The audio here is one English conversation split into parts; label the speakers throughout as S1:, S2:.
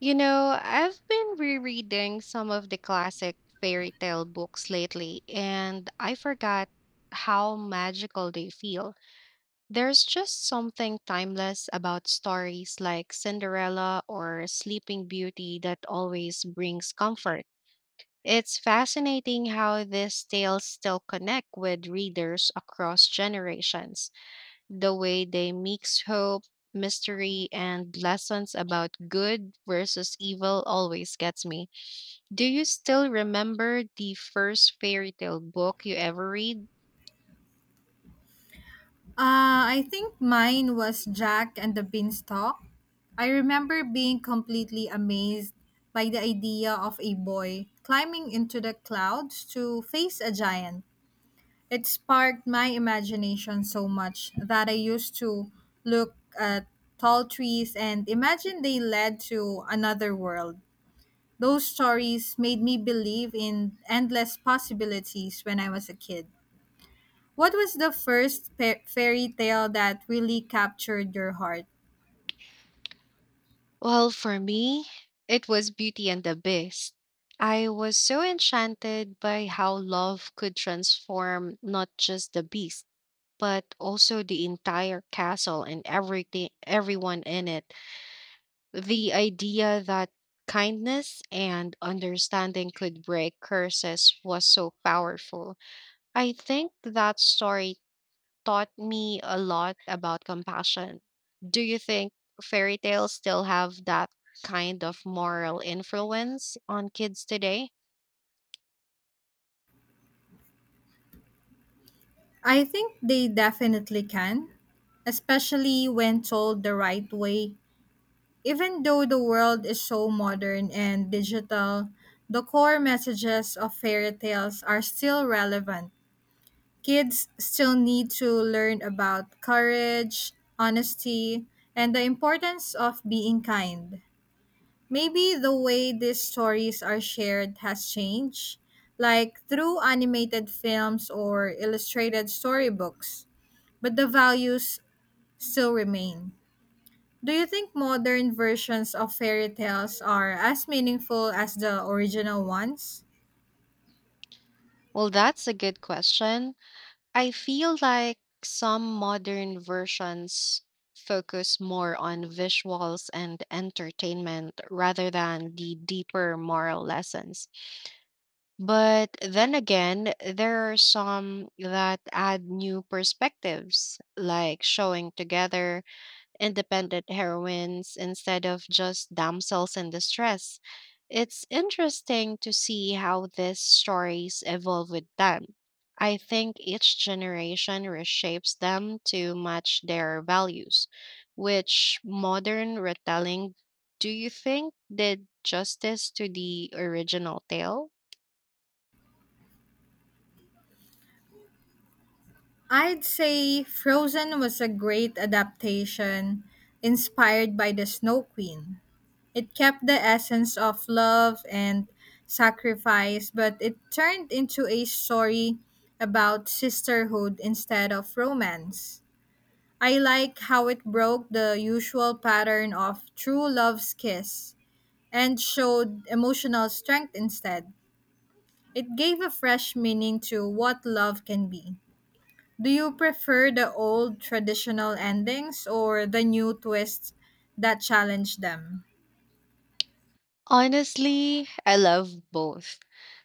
S1: You know, I've been rereading some of the classic fairy tale books lately, and I forgot how magical they feel. There's just something timeless about stories like Cinderella or Sleeping Beauty that always brings comfort. It's fascinating how these tales still connect with readers across generations the way they mix hope, mystery, and lessons about good versus evil always gets me. Do you still remember the first fairy tale book you ever read?
S2: I think mine was Jack and the Beanstalk. I remember being completely amazed by the idea of a boy climbing into the clouds to face a giant. It sparked my imagination so much that I used to look at tall trees and imagine they led to another world. Those stories made me believe in endless possibilities when I was a kid. What was the first fairy tale that really captured your heart?
S1: Well, for me, it was Beauty and the Beast. I was so enchanted by how love could transform not just the beast, but also the entire castle and everything everyone in it. The idea that kindness and understanding could break curses was so powerful. I think that story taught me a lot about compassion. Do you think fairy tales still have that kind of moral influence on kids today?
S2: I think they definitely can, especially when told the right way. Even though the world is so modern and digital, the core messages of fairy tales are still relevant. Kids still need to learn about courage, honesty, and the importance of being kind. Maybe the way these stories are shared has changed, like through animated films or illustrated storybooks, but the values still remain. Do you think modern versions of fairy tales are as meaningful as the original ones?
S1: Well, that's a good question. I feel like some modern versions focus more on visuals and entertainment rather than the deeper moral lessons. But then again, there are some that add new perspectives, like showing together independent heroines instead of just damsels in distress. It's interesting to see how these stories evolve with them. I think each generation reshapes them to match their values. Which modern retelling do you think did justice to the original tale?
S2: I'd say Frozen was a great adaptation inspired by the Snow Queen. It kept the essence of love and sacrifice, but it turned into a story about sisterhood instead of romance. I like how it broke the usual pattern of true love's kiss and showed emotional strength instead. It gave a fresh meaning to what love can be. Do you prefer the old traditional endings or the new twists that challenge them?
S1: Honestly, I love both.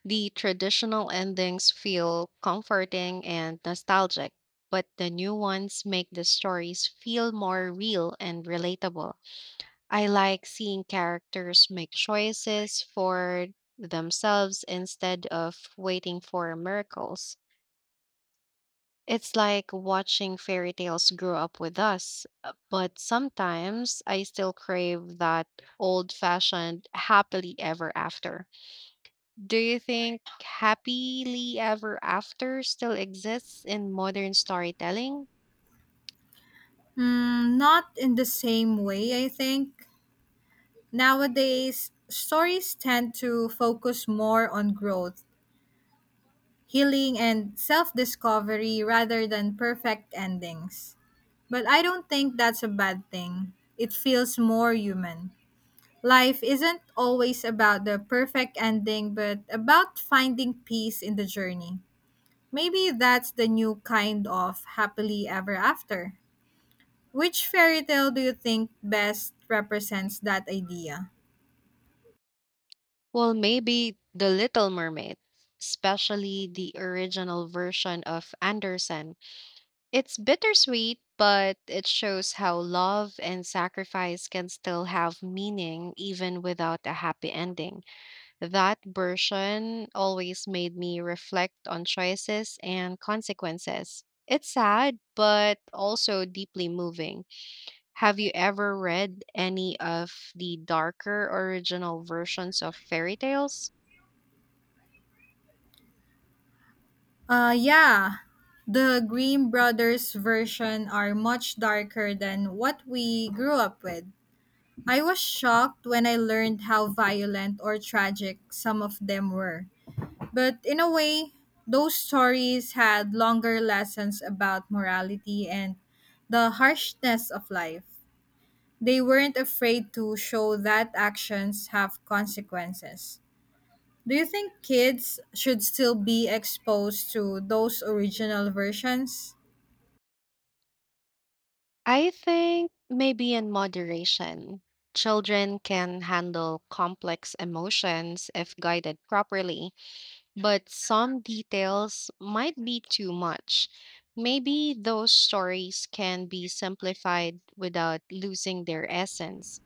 S1: The traditional endings feel comforting and nostalgic, but the new ones make the stories feel more real and relatable. I like seeing characters make choices for themselves instead of waiting for miracles. It's like watching fairy tales grow up with us, but sometimes I still crave that old fashioned happily ever after. Do you think happily ever after still exists in modern storytelling?
S2: Hmm, not in the same way, I think. Nowadays, stories tend to focus more on growth, healing, and self discovery rather than perfect endings. But I don't think that's a bad thing. It feels more human. Life isn't always about the perfect ending, but about finding peace in the journey. Maybe that's the new kind of happily ever after. Which fairy tale do you think best represents that idea?
S1: Well, maybe The Little Mermaid, especially the original version of Anderson. It's bittersweet, but it shows how love and sacrifice can still have meaning even without a happy ending. That version always made me reflect on choices and consequences. It's sad, but also deeply moving. Have you ever read any of the darker original versions of fairy tales?
S2: Uh, yeah. The Grimm Brothers version are much darker than what we grew up with. I was shocked when I learned how violent or tragic some of them were. But in a way, those stories had longer lessons about morality and the harshness of life. They weren't afraid to show that actions have consequences. Do you think kids should still be exposed to those original versions?
S1: I think maybe in moderation. Children can handle complex emotions if guided properly. But some details might be too much. Maybe those stories can be simplified without losing their essence.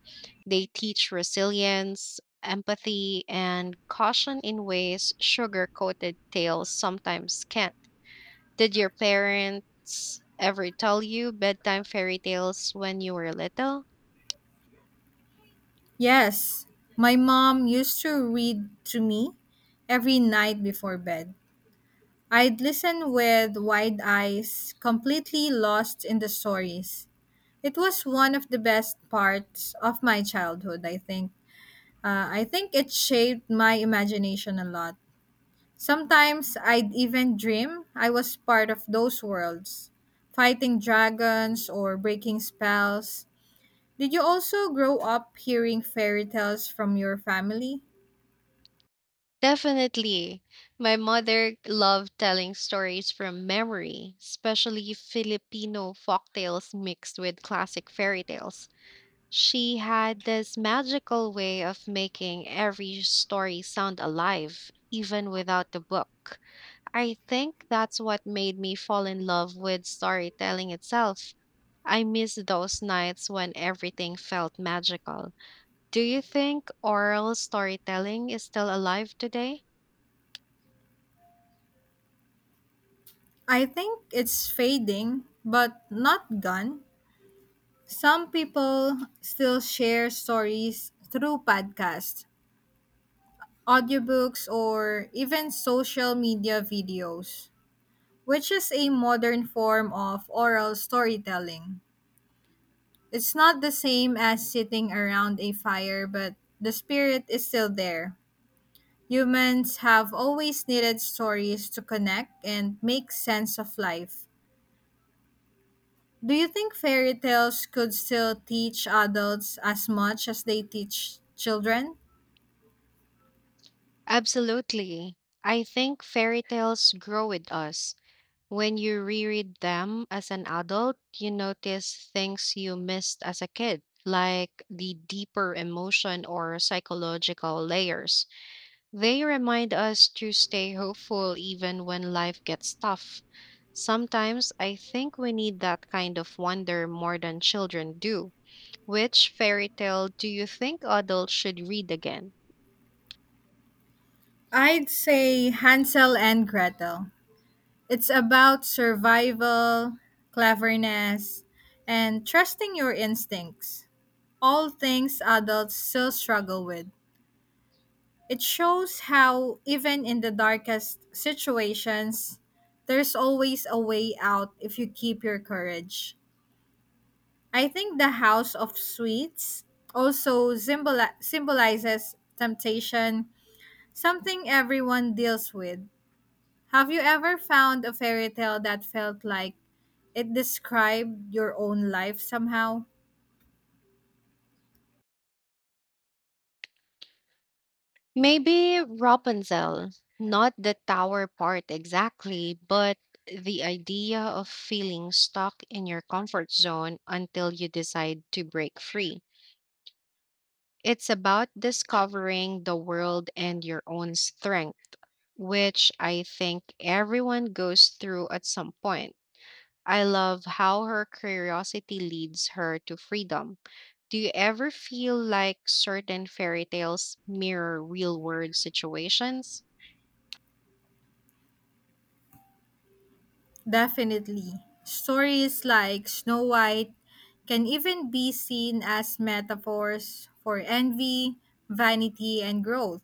S1: They teach resilience, empathy, and caution in ways sugar coated tales sometimes can't. Did your parents ever tell you bedtime fairy tales when you were little?
S2: Yes, my mom used to read to me every night before bed. I'd listen with wide eyes, completely lost in the stories. It was one of the best parts of my childhood, I think. I think it shaped my imagination a lot. Sometimes I'd even dream I was part of those worlds, fighting dragons or breaking spells. Did you also grow up hearing fairy tales from your family?
S1: Definitely. My mother loved telling stories from memory, especially Filipino folktales mixed with classic fairy tales. She had this magical way of making every story sound alive, even without the book. I think that's what made me fall in love with storytelling itself. I miss those nights when everything felt magical. Do you think oral storytelling is still alive today?
S2: I think it's fading, but not gone. Some people still share stories through podcasts, audiobooks, or even social media videos, which is a modern form of oral storytelling. It's not the same as sitting around a fire, but the spirit is still there. Humans have always needed stories to connect and make sense of life. Do you think fairy tales could still teach adults as much as they teach children?
S1: Absolutely. I think fairy tales grow with us. When you reread them as an adult, you notice things you missed as a kid, like the deeper emotion or psychological layers. They remind us to stay hopeful even when life gets tough. Sometimes I think we need that kind of wonder more than children do. Which fairy tale do you think adults should read again?
S2: I'd say Hansel and Gretel. It's about survival, cleverness, and trusting your instincts, all things adults still struggle with. It shows how, even in the darkest situations, there's always a way out if you keep your courage. I think the House of Sweets also symbolizes temptation, something everyone deals with. Have you ever found a fairy tale that felt like it described your own life somehow?
S1: Maybe Rapunzel, not the tower part exactly, but the idea of feeling stuck in your comfort zone until you decide to break free. It's about discovering the world and your own strength, which I think everyone goes through at some point. I love how her curiosity leads her to freedom. Do you ever feel like certain fairy tales mirror real world situations?
S2: Definitely. Stories like Snow White can even be seen as metaphors for envy, vanity, and growth.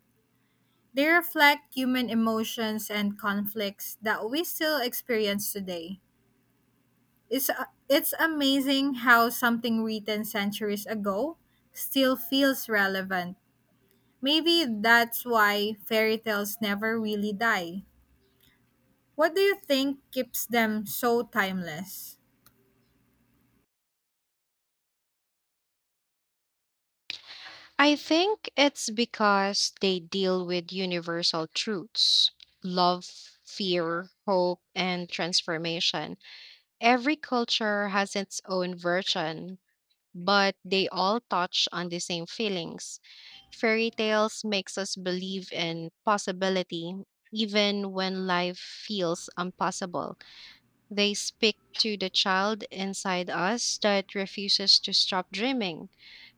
S2: They reflect human emotions and conflicts that we still experience today. It's, it's amazing how something written centuries ago still feels relevant. Maybe that's why fairy tales never really die. What do you think keeps them so timeless?
S1: I think it's because they deal with universal truths love, fear, hope, and transformation. Every culture has its own version, but they all touch on the same feelings. Fairy tales makes us believe in possibility even when life feels impossible. They speak to the child inside us that refuses to stop dreaming.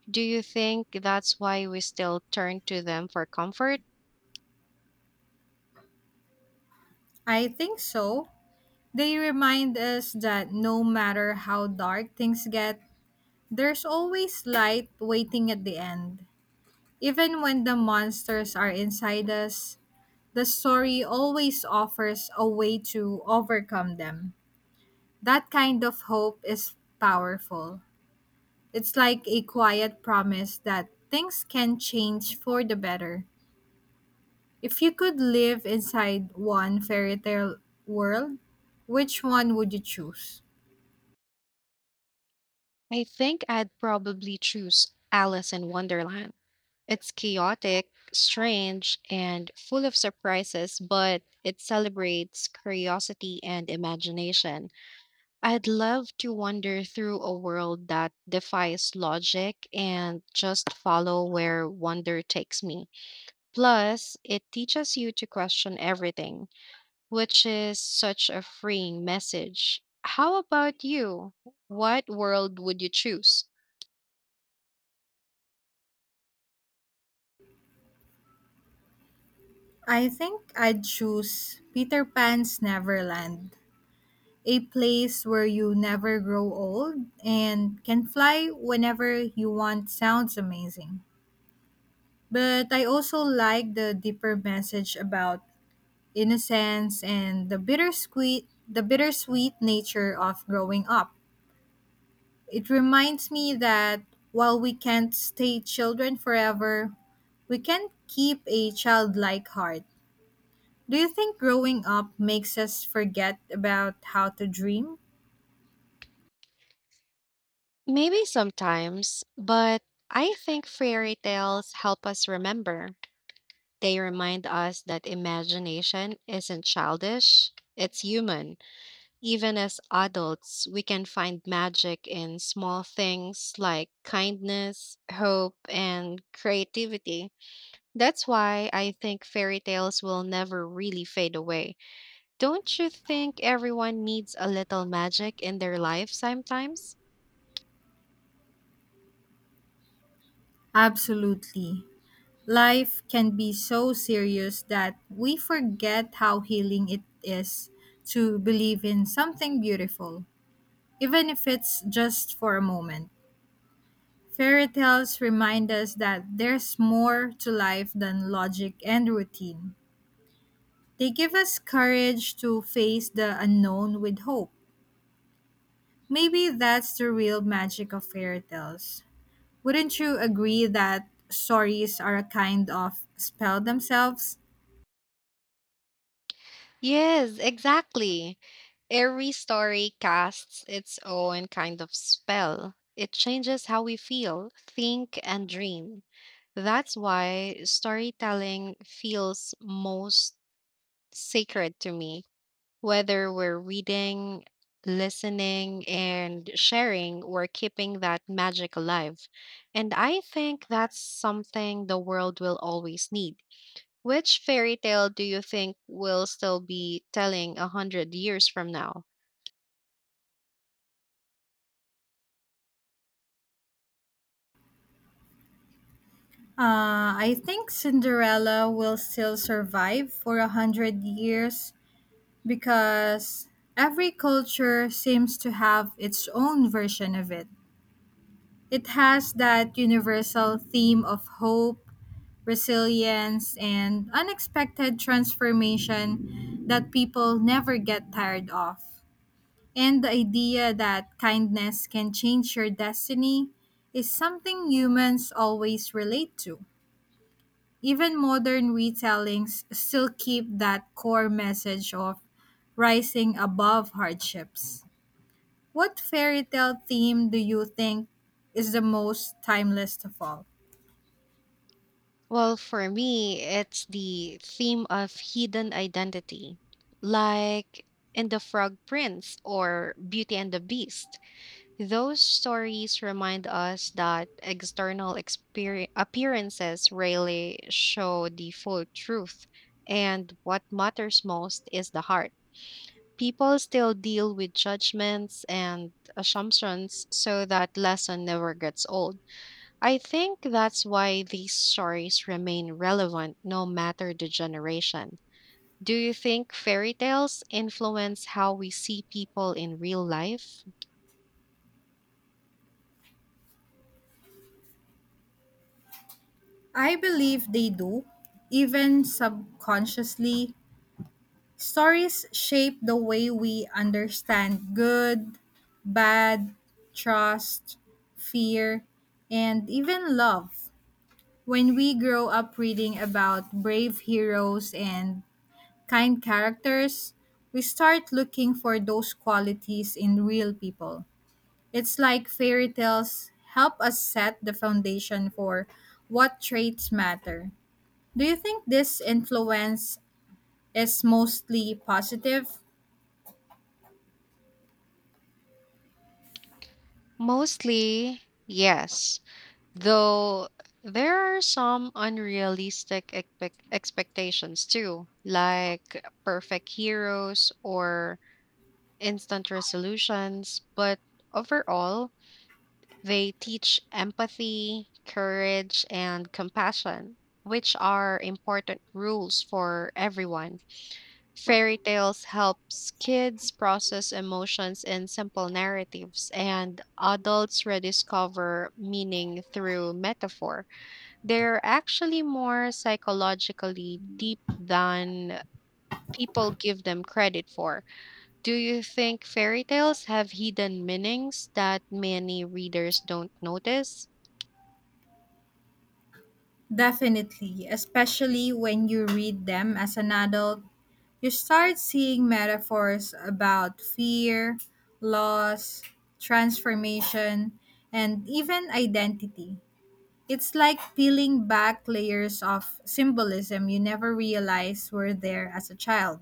S1: Do you think that's why we still turn to them for comfort?
S2: I think so. They remind us that no matter how dark things get, there's always light waiting at the end. Even when the monsters are inside us, the story always offers a way to overcome them. That kind of hope is powerful. It's like a quiet promise that things can change for the better. If you could live inside one fairy tale world, which one would you choose?
S1: I think I'd probably choose Alice in Wonderland. It's chaotic, strange, and full of surprises, but it celebrates curiosity and imagination. I'd love to wander through a world that defies logic and just follow where wonder takes me. Plus, it teaches you to question everything, which is such a freeing message. How about you? What world would you choose?
S2: I think I'd choose Peter Pan's Neverland, a place where you never grow old and can fly whenever you want sounds amazing. But I also like the deeper message about innocence and the bittersweet nature of growing up. It reminds me that while we can't stay children forever, we can keep a childlike heart. Do you think growing up makes us forget about how to dream?
S1: Maybe sometimes, but I think fairy tales help us remember. They remind us that imagination isn't childish, it's human. Even as adults, we can find magic in small things like kindness, hope, and creativity. That's why I think fairy tales will never really fade away. Don't you think everyone needs a little magic in their life sometimes?
S2: Absolutely. Life can be so serious that we forget how healing it is to believe in something beautiful, even if it's just for a moment. Fairy tales remind us that there's more to life than logic and routine. They give us courage to face the unknown with hope. Maybe that's the real magic of fairy tales. Wouldn't you agree that stories are a kind of spell themselves?
S1: Yes, exactly. Every story casts its own kind of spell. It changes how we feel, think, and dream. That's why storytelling feels most sacred to me. Whether we're reading, listening, and sharing, we're keeping that magic alive. And I think that's something the world will always need. Which fairy tale do you think will still be telling 100 years from now?
S2: I think Cinderella will still survive for 100 years because every culture seems to have its own version of it. It has that universal theme of hope, resilience, and unexpected transformation that people never get tired of. And the idea that kindness can change your destiny is something humans always relate to. Even modern retellings still keep that core message of rising above hardships. What fairy tale theme do you think is the most timeless of all?
S1: Well, for me, it's the theme of hidden identity, like in The Frog Prince or Beauty and the Beast. Those stories remind us that external appearances rarely show the full truth, and what matters most is the heart. People still deal with judgments and assumptions, so that lesson never gets old. I think that's why these stories remain relevant no matter the generation. Do you think fairy tales influence how we see people in real life?
S2: I believe they do, even subconsciously. Stories shape the way we understand good, bad, trust, fear, and even love. When we grow up reading about brave heroes and kind characters, we start looking for those qualities in real people. It's like fairy tales help us set the foundation for what traits matter. Do you think this influence is mostly positive?
S1: Mostly, yes. Though there are some unrealistic expectations too, like perfect heroes or instant resolutions, but overall, they teach empathy, courage, and compassion, which are important rules for everyone. Fairy tales helps kids process emotions in simple narratives and adults rediscover meaning through metaphor. They're actually more psychologically deep than people give them credit for. Do you think fairy tales have hidden meanings that many readers don't notice?
S2: Definitely, especially when you read them as an adult, you start seeing metaphors about fear, loss, transformation, and even identity. It's like peeling back layers of symbolism you never realized were there as a child.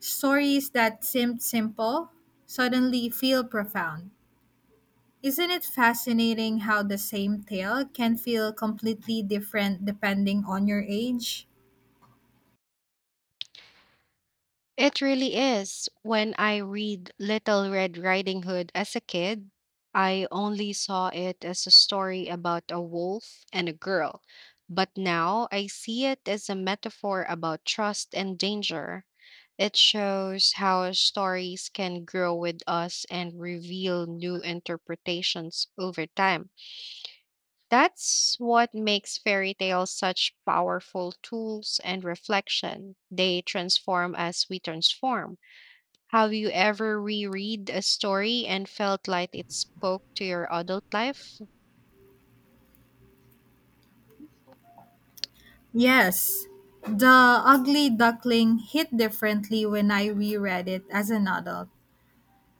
S2: Stories that seemed simple suddenly feel profound. Isn't it fascinating how the same tale can feel completely different depending on your age?
S1: It really is. When I read Little Red Riding Hood as a kid, I only saw it as a story about a wolf and a girl. But now I see it as a metaphor about trust and danger. It shows how stories can grow with us and reveal new interpretations over time. That's what makes fairy tales such powerful tools and reflection. They transform as we transform. Have you ever reread a story and felt like it spoke to your adult life?
S2: Yes, The Ugly Duckling hit differently when I reread it as an adult.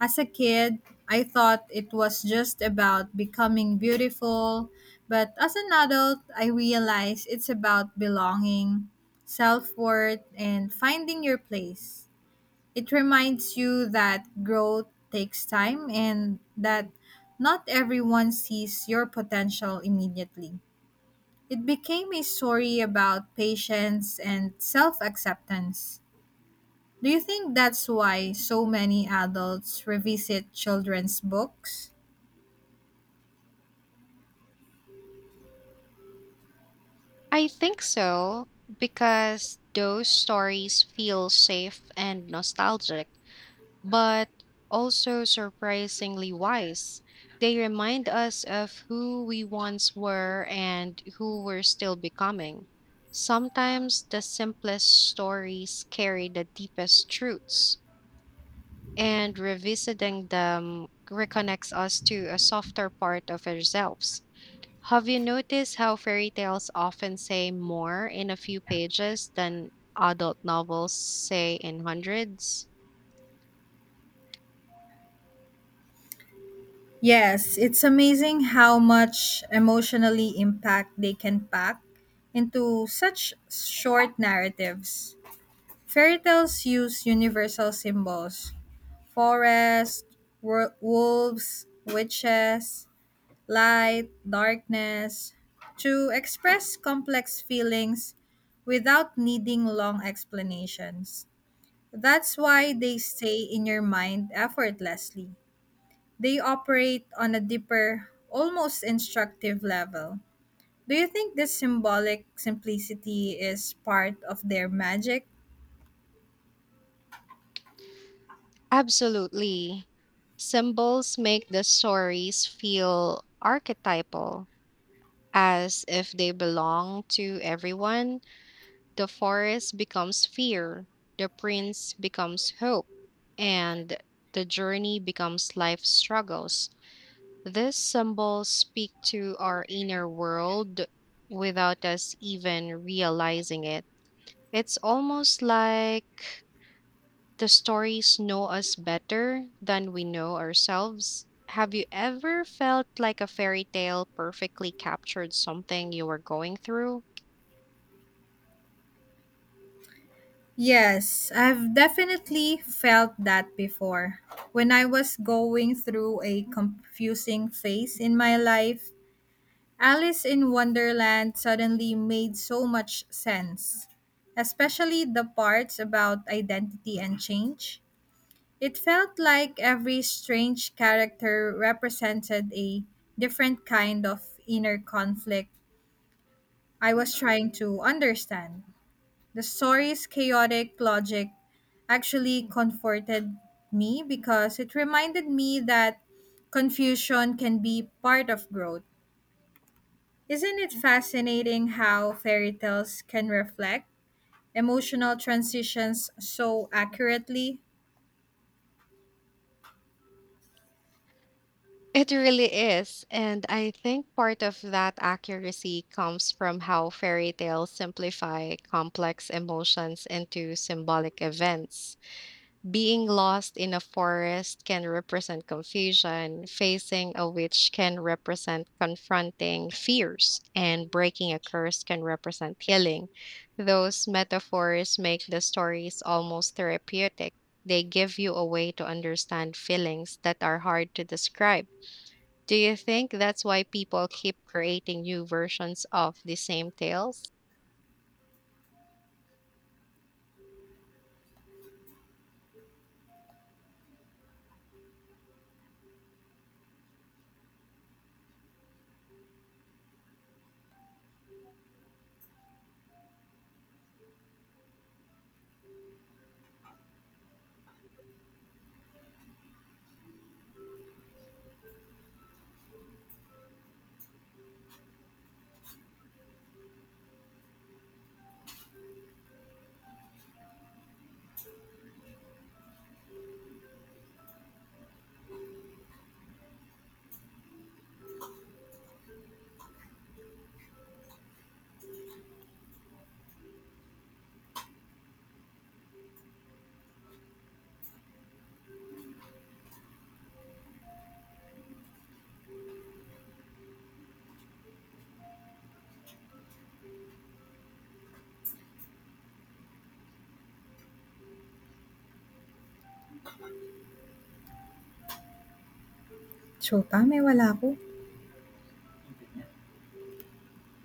S2: As a kid, I thought it was just about becoming beautiful, but as an adult, I realized it's about belonging, self worth, and finding your place. It reminds you that growth takes time and that not everyone sees your potential immediately. It became a story about patience and self acceptance. Do you think that's why so many adults revisit children's books?
S1: I think so, because those stories feel safe and nostalgic, but also surprisingly wise. They remind us of who we once were and who we're still becoming. Sometimes the simplest stories carry the deepest truths, and revisiting them reconnects us to a softer part of ourselves. Have you noticed how fairy tales often say more in a few pages than adult novels say in hundreds?
S2: Yes, it's amazing how much emotionally impact they can pack into such short narratives. Fairy tales use universal symbols, forest, wolves, witches, light, darkness, to express complex feelings without needing long explanations. That's why they stay in your mind effortlessly. They operate on a deeper, almost instructive level. Do you think this symbolic simplicity is part of their magic?
S1: Absolutely. Symbols make the stories feel archetypal, as if they belong to everyone. The forest becomes fear, the prince becomes hope, and the journey becomes life struggles. These symbols speak to our inner world without us even realizing it. It's almost like the stories know us better than we know ourselves. Have you ever felt like a fairy tale perfectly captured something you were going through?
S2: Yes, I've definitely felt that before. When I was going through a confusing phase in my life, Alice in Wonderland suddenly made so much sense, especially the parts about identity and change. It felt like every strange character represented a different kind of inner conflict I was trying to understand. The story's chaotic logic actually comforted me because it reminded me that confusion can be part of growth. Isn't it fascinating how fairy tales can reflect emotional transitions so accurately?
S1: It really is. And I think part of that accuracy comes from how fairy tales simplify complex emotions into symbolic events. Being lost in a forest can represent confusion, facing a witch can represent confronting fears, and breaking a curse can represent healing. Those metaphors make the stories almost therapeutic. They give you a way to understand feelings that are hard to describe. Do you think that's why people keep creating new versions of the same tales?
S2: Chuta, may wala ako.